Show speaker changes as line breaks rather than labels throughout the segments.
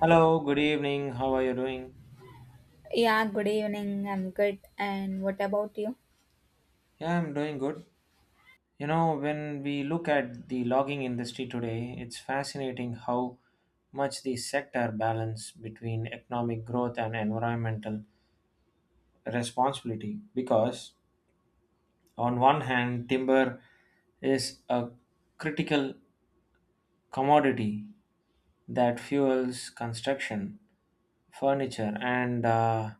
Hello, good evening. How are you doing?
Yeah, good evening. I'm good. And what about you?
Yeah, I'm doing good. You know, when we look at the logging industry today, it's fascinating how much the sector balance between economic growth and environmental responsibility because on one hand, timber is a critical commodity that fuels construction, furniture and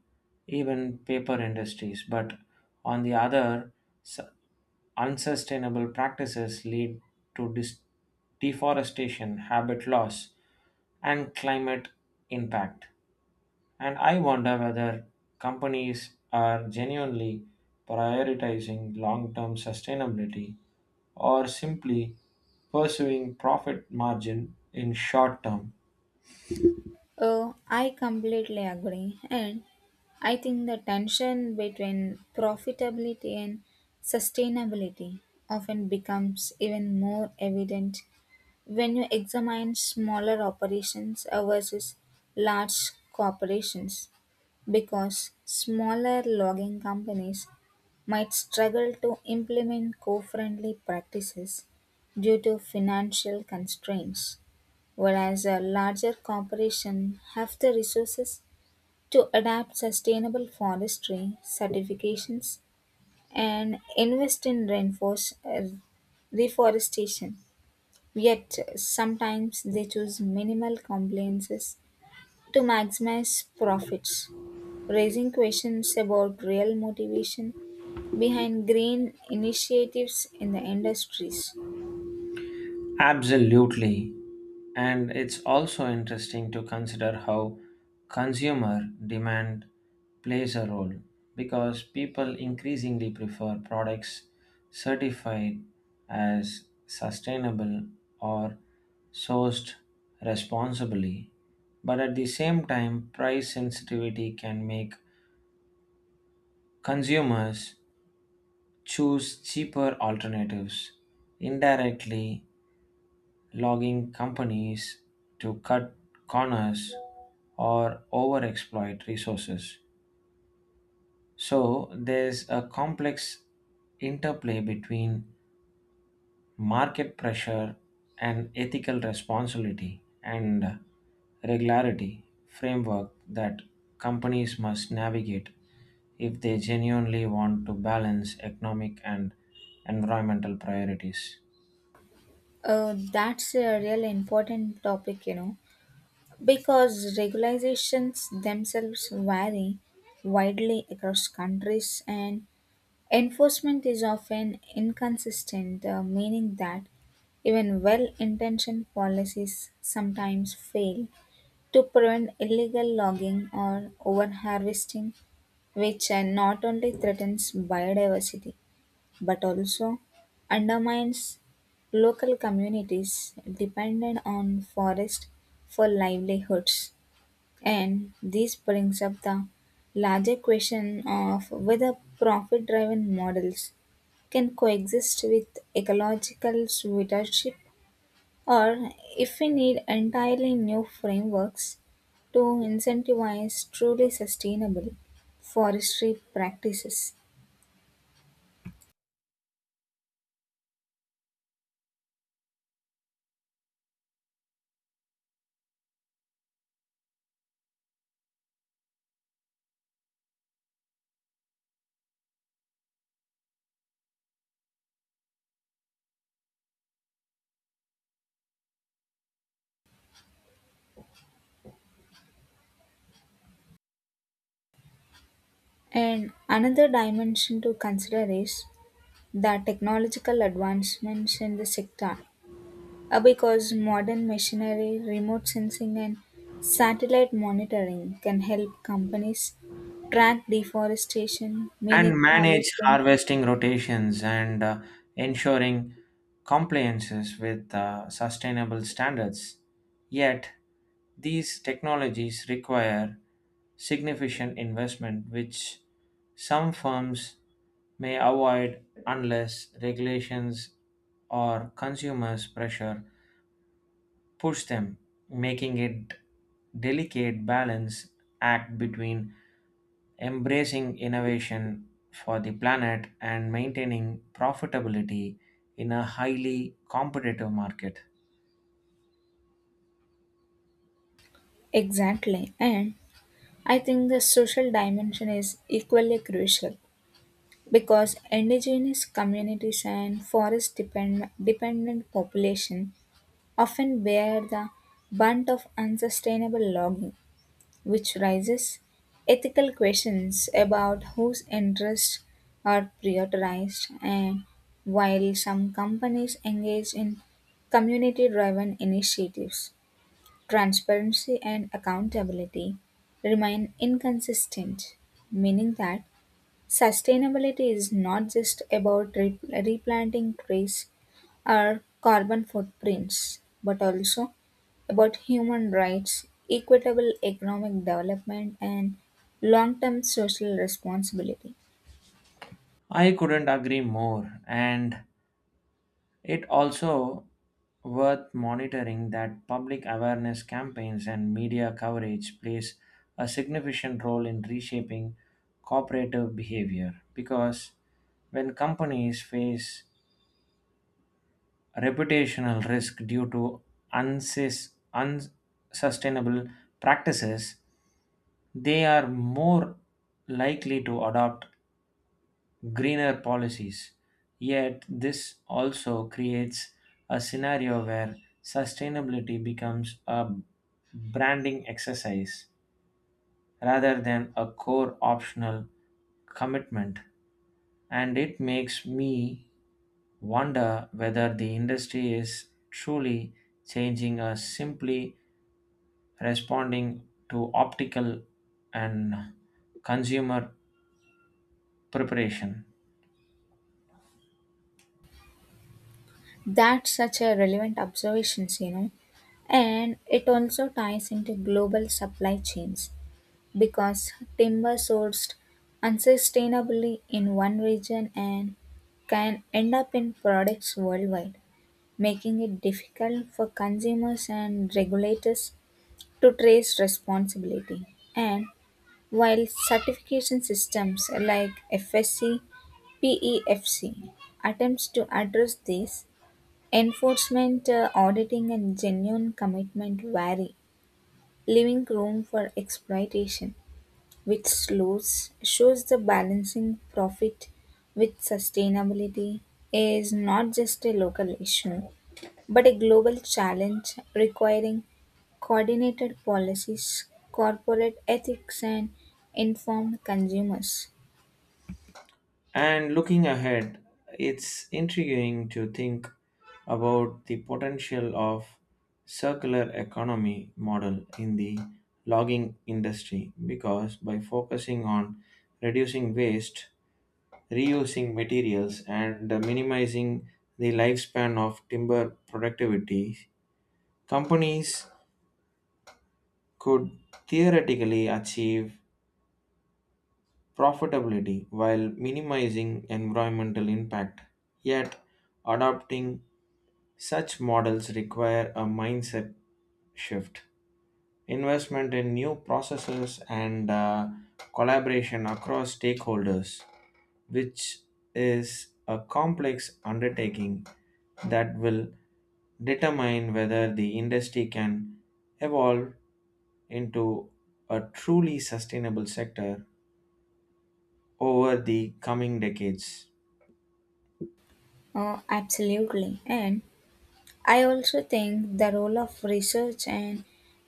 even paper industries but on the other s- unsustainable practices lead to deforestation, habit loss, and climate impact. And I wonder whether companies are genuinely prioritizing long term sustainability or simply pursuing profit margin in short term.
I completely agree, and I think the tension between profitability and sustainability often becomes even more evident when you examine smaller operations versus large corporations because smaller logging companies might struggle to implement co friendly practices due to financial constraints, whereas a larger corporation have the resources to adapt sustainable forestry certifications and invest in reforestation. Yet sometimes they choose minimal compliances to maximize profits, raising questions about real motivation behind green initiatives in the industries.
Absolutely. And it's also interesting to consider how consumer demand plays a role because people increasingly prefer products certified as sustainable or sourced responsibly. But at the same time, price sensitivity can make consumers choose cheaper alternatives indirectly logging companies to cut corners or overexploit resources. So there's a complex interplay between market pressure and ethical responsibility and regularity framework that companies must navigate if they genuinely want to balance economic and environmental priorities.
That's a real important topic, you know. Because regulations themselves vary widely across countries and enforcement is often inconsistent, meaning that even well intentioned policies sometimes fail to prevent illegal logging or overharvesting, which not only threatens biodiversity but also undermines local communities dependent on forest for livelihoods. And this brings up the larger question of whether profit driven models can coexist with ecological stewardship, or if we need entirely new frameworks to incentivize truly sustainable forestry practices. And another dimension to consider is the technological advancements in the sector. Because modern machinery, remote sensing, and satellite monitoring can help companies track deforestation,
And
minute
manage
harvesting.
harvesting rotations and ensuring compliances with sustainable standards. Yet, these technologies require significant investment, which some firms may avoid unless regulations or consumers' pressure push them, making it delicate balance act between embracing innovation for the planet and maintaining profitability in a highly competitive market.
Exactly. And I think the social dimension is equally crucial because indigenous communities and dependent population often bear the brunt of unsustainable logging, which raises ethical questions about whose interests are prioritized. And while some companies engage in community driven initiatives, transparency and accountability remain inconsistent, meaning that sustainability is not just about replanting trees or carbon footprints, but also about human rights, equitable economic development, and long term social responsibility.
I couldn't agree more, and it also worth monitoring that public awareness campaigns and media coverage plays a significant role in reshaping cooperative behavior because when companies face reputational risk due to unsustainable practices, they are more likely to adopt greener policies. Yet, this also creates a scenario where sustainability becomes a branding exercise rather than a core optional commitment. And it makes me wonder whether the industry is truly changing or simply responding to optical and consumer preparation.
That's such a relevant observations, you know. And it also ties into global supply chains because timber sourced unsustainably in one region and can end up in products worldwide, making it difficult for consumers and regulators to trace responsibility. And while certification systems like FSC, PEFC attempts to address this, enforcement, auditing, and genuine commitment vary, leaving room for exploitation, which slows, shows the balancing profit with sustainability is not just a local issue but a global challenge requiring coordinated policies, corporate ethics, and informed consumers.
And looking ahead, it's intriguing to think about the potential of circular economy model in the logging industry because by focusing on reducing waste reusing materials and minimizing the lifespan of timber productivity, companies could theoretically achieve profitability while minimizing environmental impact. Yet, adopting such models require a mindset shift, investment in new processes, and collaboration across stakeholders, which is a complex undertaking that will determine whether the industry can evolve into a truly sustainable sector over the coming decades.
Absolutely. And I also think the role of research and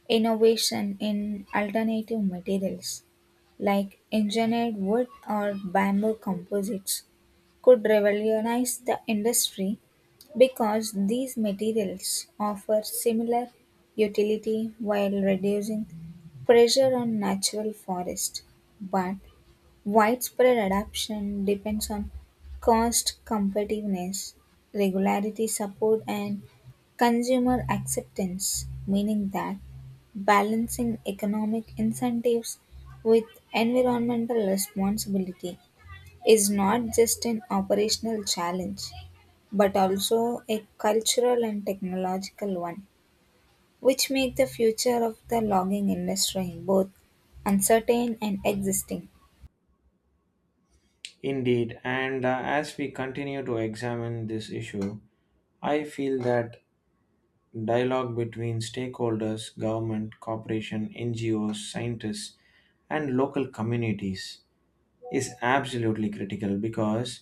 innovation in alternative materials like engineered wood or bamboo composites could revolutionize the industry because these materials offer similar utility while reducing pressure on natural forest, but widespread adoption depends on cost competitiveness, regularity support, and consumer acceptance, meaning that balancing economic incentives with environmental responsibility is not just an operational challenge but also a cultural and technological one, which make the future of the logging industry both uncertain and existing.
Indeed, and as we continue to examine this issue, I feel that dialogue between stakeholders, government, corporation, NGOs, scientists, and local communities is absolutely critical because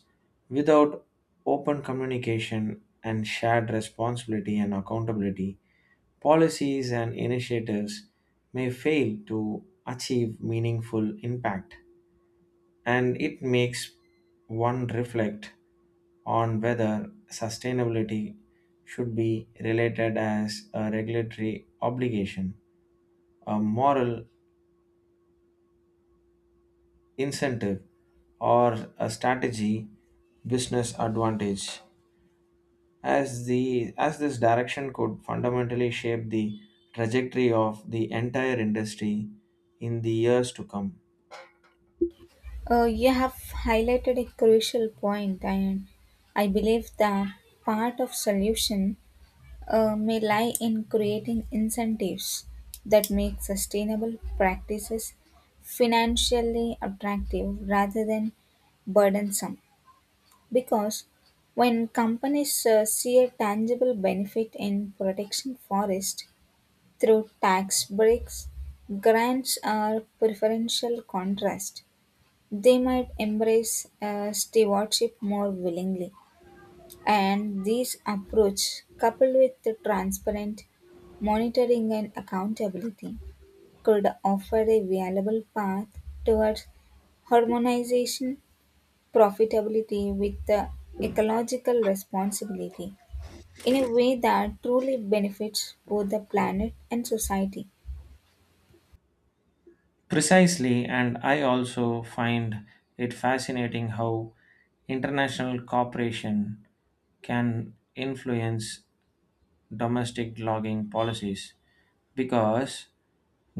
without open communication and shared responsibility and accountability, policies and initiatives may fail to achieve meaningful impact. And it makes one reflect on whether sustainability should be related as a regulatory obligation, a moral incentive, or a strategy business advantage as the as this direction could fundamentally shape the trajectory of the entire industry in the years to come.
You have highlighted a crucial point, and I believe that part of solution may lie in creating incentives that make sustainable practices financially attractive rather than burdensome. Because when companies see a tangible benefit in protecting forest through tax breaks, grants, or preferential contrast, they might embrace stewardship more willingly. And this approach, coupled with the transparent monitoring and accountability, could offer a viable path towards harmonization, profitability with the ecological responsibility in a way that truly benefits both the planet and society.
Precisely, and I also find it fascinating how international cooperation can influence domestic logging policies because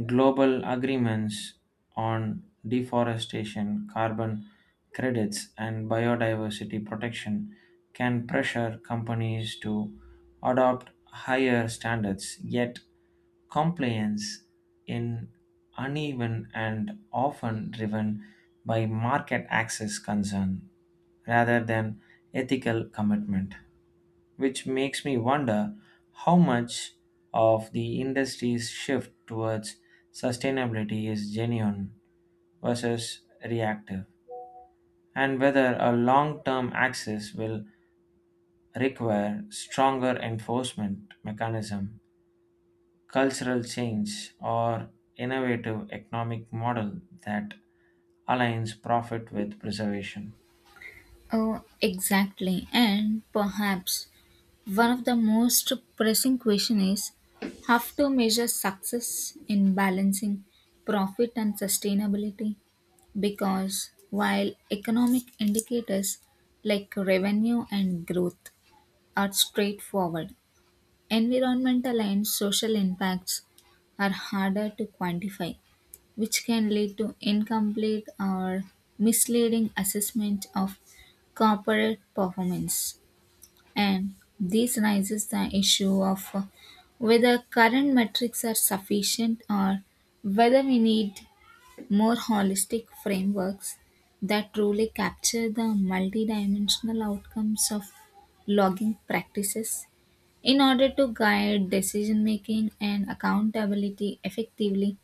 global agreements on deforestation, carbon credits, and biodiversity protection can pressure companies to adopt higher standards. Yet, compliance in uneven and often driven by market access concern rather than ethical commitment, which makes me wonder how much of the industry's shift towards sustainability is genuine versus reactive, and whether a long term access will require stronger enforcement mechanism, cultural change, or innovative economic model that aligns profit with preservation.
Oh, exactly. And perhaps one of the most pressing questions is how to measure success in balancing profit and sustainability. Because while economic indicators like revenue and growth are straightforward, environmental and social impacts are harder to quantify, which can lead to incomplete or misleading assessment of corporate performance. And this raises the issue of whether current metrics are sufficient or whether we need more holistic frameworks that truly capture the multidimensional outcomes of logging practices in order to guide decision making and accountability effectively.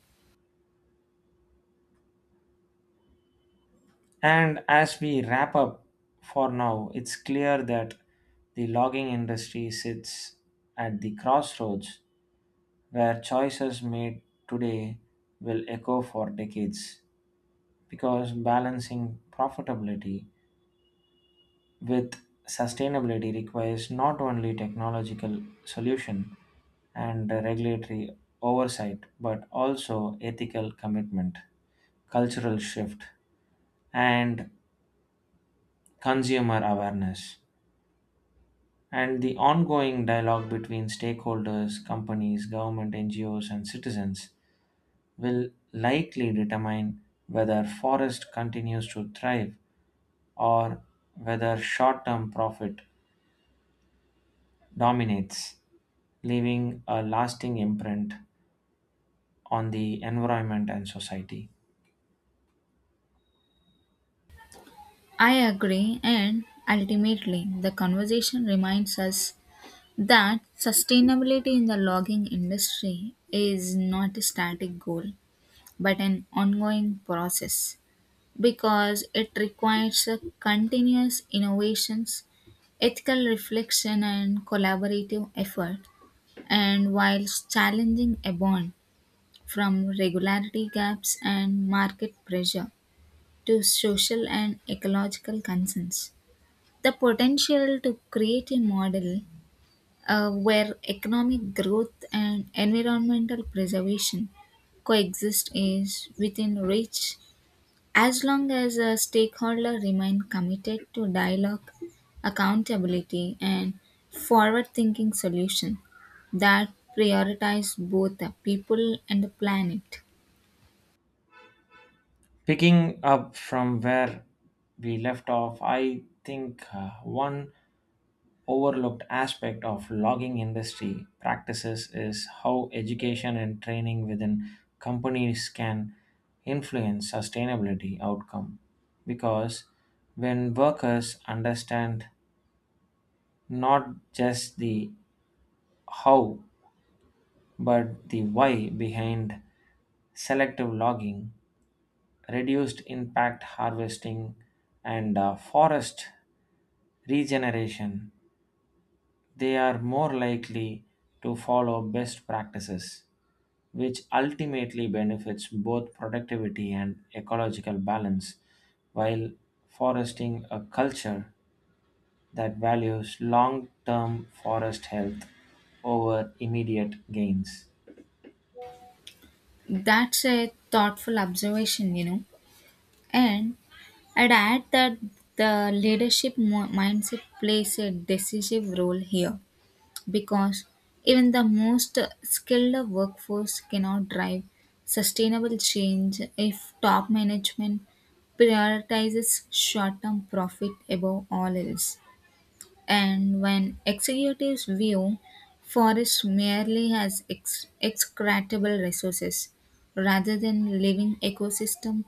And as we wrap up for now, it's clear that the logging industry sits at the crossroads where choices made today will echo for decades because balancing profitability with sustainability requires not only technological solution and regulatory oversight but also ethical commitment cultural shift and consumer awareness and the ongoing dialogue between stakeholders, companies, government, NGOs, and citizens will likely determine whether forest continues to thrive or whether short term profit dominates, leaving a lasting imprint on the environment and society.
I agree, and ultimately, the conversation reminds us that sustainability in the logging industry is not a static goal but an ongoing process, because it requires a continuous innovations, ethical reflection, and collaborative effort. And whilst challenging a bond from regularity gaps and market pressure to social and ecological concerns, the potential to create a model where economic growth and environmental preservation coexist is within reach as long as a stakeholder remain committed to dialogue, accountability, and forward thinking solution that prioritize both the people and the planet.
Picking up from where we left off, I think one overlooked aspect of logging industry practices is how education and training within companies can influence sustainability outcome because when workers understand not just the how but the why behind selective logging reduced impact harvesting and forest regeneration they are more likely to follow best practices which ultimately benefits both productivity and ecological balance while foresting a culture that values long term forest health over immediate gains.
That's a thoughtful observation, you know. And I'd add that the mindset plays a decisive role here, because even the most skilled workforce cannot drive sustainable change if top management prioritizes short term profit above all else. And when executives view forests merely as extractable resources rather than living ecosystem,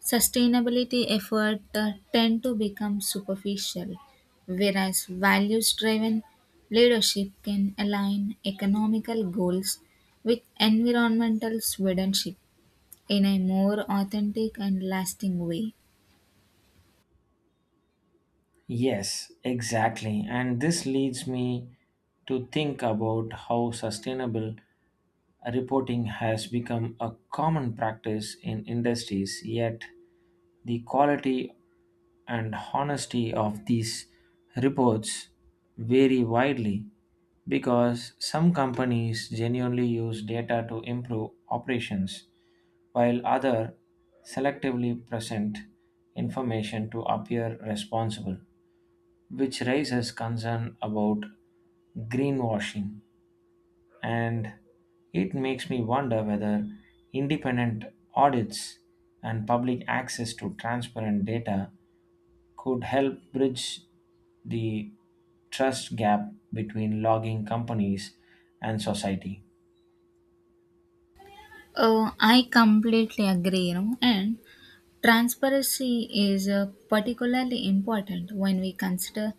sustainability efforts tend to become superficial, whereas values-driven leadership can align economical goals with environmental stewardship in a more authentic and lasting way.
Yes, exactly. And this leads me to think about how sustainable reporting has become a common practice in industries, yet the quality and honesty of these reports vary widely because some companies genuinely use data to improve operations while others selectively present information to appear responsible which raises concern about greenwashing and it makes me wonder whether independent audits and public access to transparent data could help bridge the trust gap between logging companies and society.
Oh, I completely agree, you know. And transparency is particularly important when we consider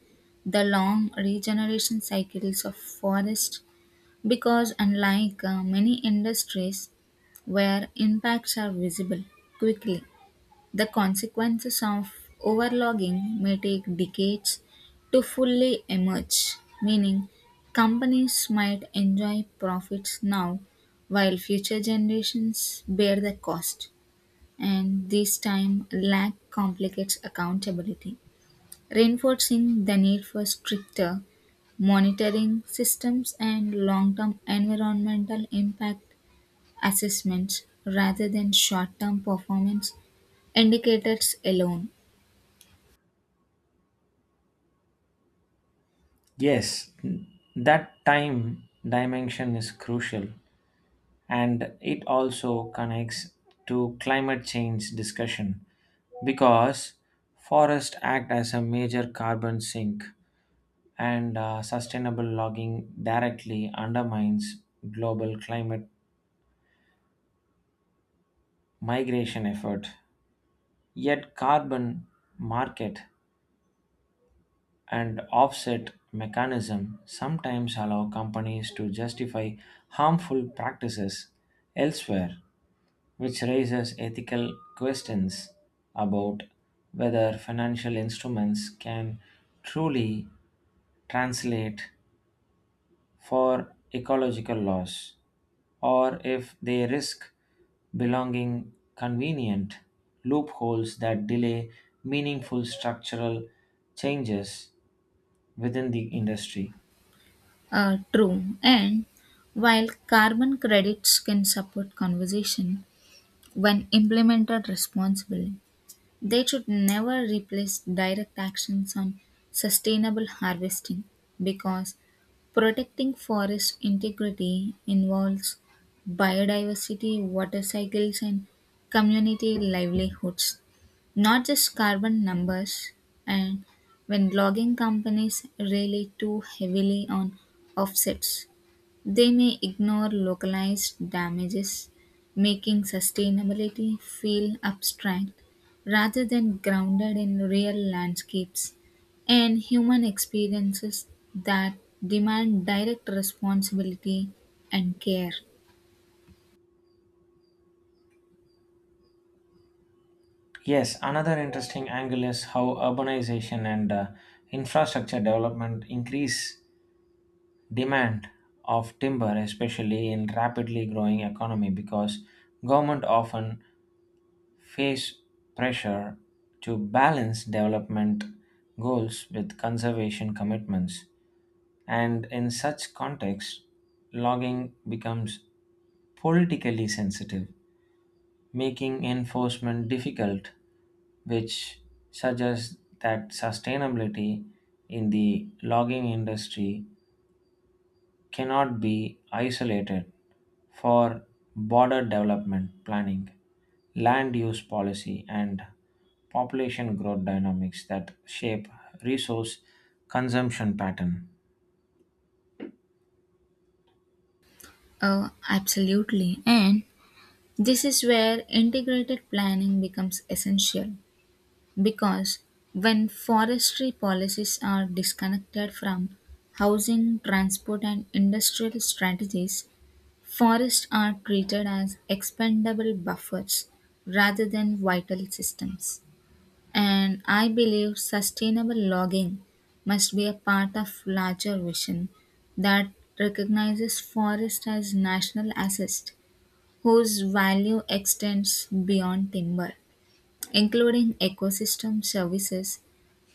the long regeneration cycles of forests, because, unlike many industries where impacts are visible quickly, the consequences of overlogging may take decades to fully emerge, meaning companies might enjoy profits now while future generations bear the cost. And this time lack complicates accountability, reinforcing the need for stricter monitoring systems and long term environmental impact assessments rather than short term performance indicators alone
Yes, that time dimension is crucial and it also connects to climate change discussion because forests act as a major carbon sink and sustainable logging directly undermines global climate migration effort yet carbon market and offset mechanism sometimes allow companies to justify harmful practices elsewhere, which raises ethical questions about whether financial instruments can truly translate for ecological loss or if they risk belonging convenient loopholes that delay meaningful structural changes within the industry.
are true. And while carbon credits can support conservation when implemented responsibly, they should never replace direct actions on sustainable harvesting, because protecting forest integrity involves biodiversity, water cycles, and community livelihoods, not just carbon numbers. And when logging companies rely too heavily on offsets, they may ignore localized damages, making sustainability feel abstract rather than grounded in real landscapes and human experiences that demand direct responsibility and care.
Yes, another interesting angle is how urbanization and infrastructure development increase demand of timber, especially in rapidly growing economy, because government often face pressure to balance development goals with conservation commitments. And in such context, logging becomes politically sensitive making enforcement difficult, which suggests that sustainability in the logging industry cannot be isolated for border development planning, land use policy, and population growth dynamics that shape resource consumption pattern.
Oh, absolutely. And this is where integrated planning becomes essential, because when forestry policies are disconnected from housing, transport, and industrial strategies, forests are treated as expendable buffers rather than vital systems. And I believe sustainable logging must be a part of larger vision that recognizes forest as national asset whose value extends beyond timber, including ecosystem services,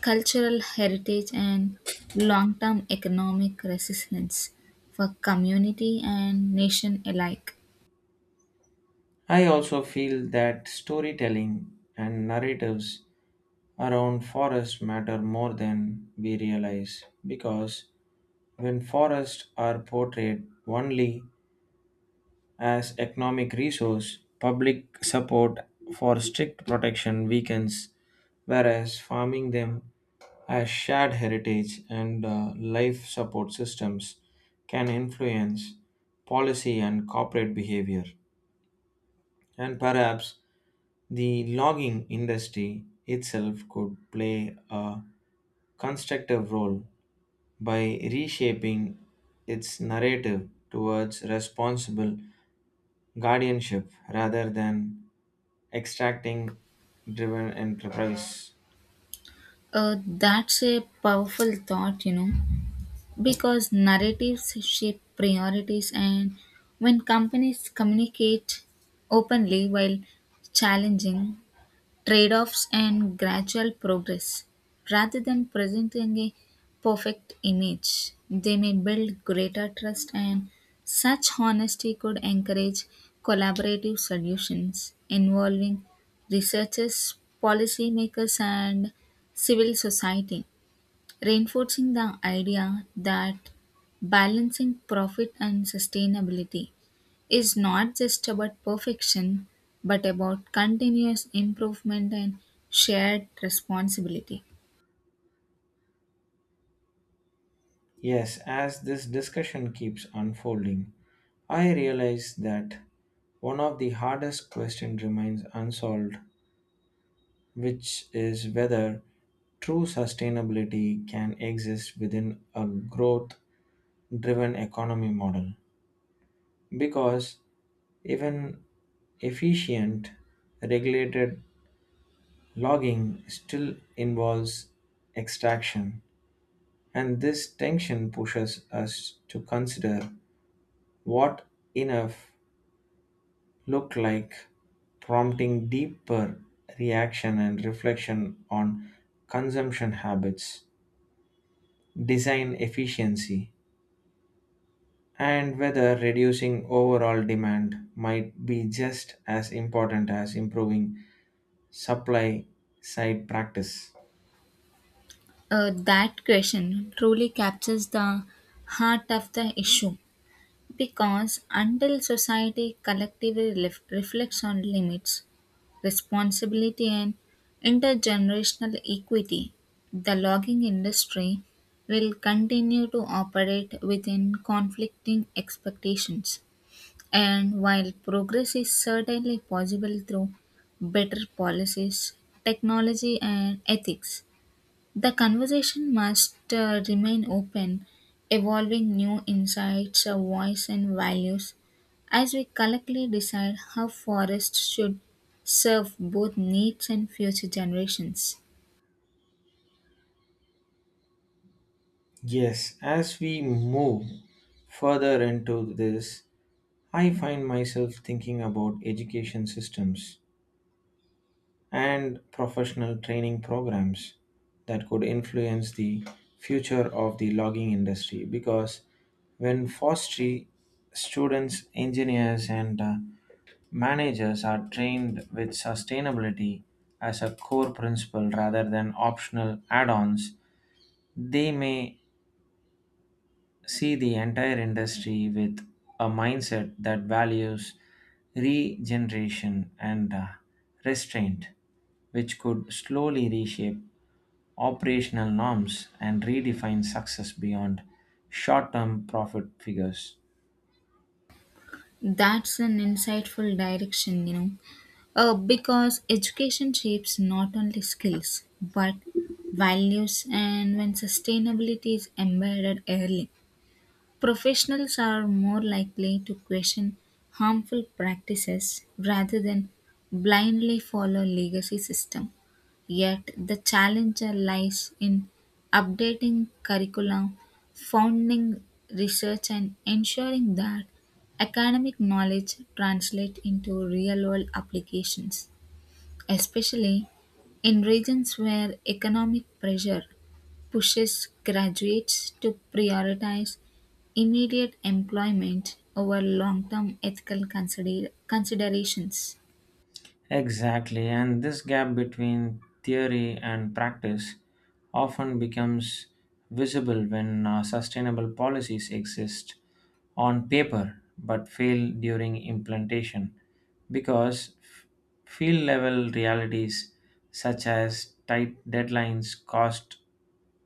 cultural heritage, and long-term economic resistance for community and nation alike.
I also feel that storytelling and narratives around forests matter more than we realize because when forests are portrayed only as economic resource public support for strict protection weakens whereas farming them as shared heritage and life support systems can influence policy and corporate behavior and perhaps the logging industry itself could play a constructive role by reshaping its narrative towards responsible guardianship rather than extracting driven enterprise.
That's a powerful thought, you know, because narratives shape priorities, and when companies communicate openly while challenging trade offs, and gradual progress. Rather than presenting a perfect image, they may build greater trust, and such honesty could encourage collaborative solutions involving researchers, policymakers, and civil society, reinforcing the idea that balancing profit and sustainability is not just about perfection, but about continuous improvement and shared responsibility.
Yes, as this discussion keeps unfolding, I realize that one of the hardest questions remains unsolved which is whether true sustainability can exist within a growth driven economy model. Because even efficient regulated logging still involves extraction, and this tension pushes us to consider what enough look like, prompting deeper reaction and reflection on consumption habits design efficiency, and whether reducing overall demand might be just as important as improving supply side practice.
That question truly captures the heart of the issue, because until society collectively reflects on limits, responsibility, and intergenerational equity, the logging industry will continue to operate within conflicting expectations. And while progress is certainly possible through better policies, technology, and ethics, the conversation must remain open, evolving new insights, a voice, and values as we collectively decide how forests should serve both needs and future generations.
Yes, as we move further into this, I find myself thinking about education systems and professional training programs that could influence the future of the logging industry because when forestry students, engineers, and managers are trained with sustainability as a core principle rather than optional add ons. They may see the entire industry with a mindset that values regeneration and restraint, which could slowly reshape operational norms and redefine success beyond short term profit figures.
That's an insightful direction, you know. Because education shapes not only skills but values, and when sustainability is embedded early, professionals are more likely to question harmful practices rather than blindly follow legacy system. Yet the challenge lies in updating curricula, founding research, and ensuring that academic knowledge translates into real world applications, especially in regions where economic pressure pushes graduates to prioritize immediate employment over long term ethical considerations.
Exactly, and this gap between theory and practice often becomes visible when sustainable policies exist on paper but fail during implementation because field level realities such as tight deadlines, cost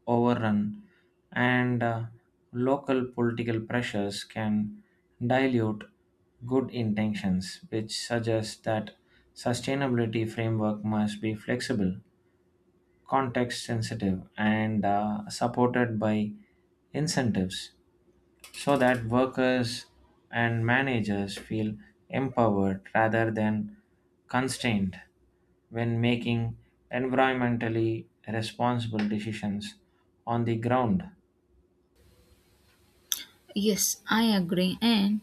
overrun, and local political pressures can dilute good intentions, which suggests that sustainability framework must be flexible, context sensitive, and supported by incentives so that workers and managers feel empowered rather than constrained when making environmentally responsible decisions on the ground.
Yes, I agree, and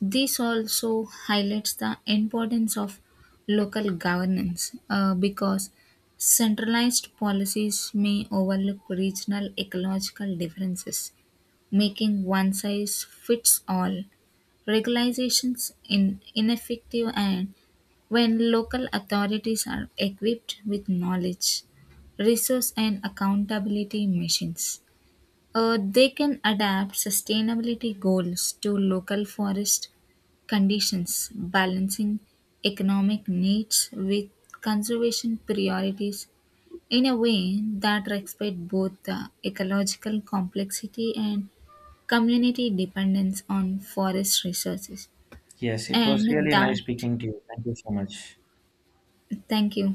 this also highlights the importance of local governance, because centralized policies may overlook regional ecological differences, making one size fits all regularizations in ineffective. And when local authorities are equipped with knowledge, resource, and accountability machines, they can adapt sustainability goals to local forest conditions, balancing economic needs with conservation priorities in a way that respects both the ecological complexity and community dependence on forest resources.
Yes, it was
And
really
that,
nice speaking to you. Thank you so much.
thank you.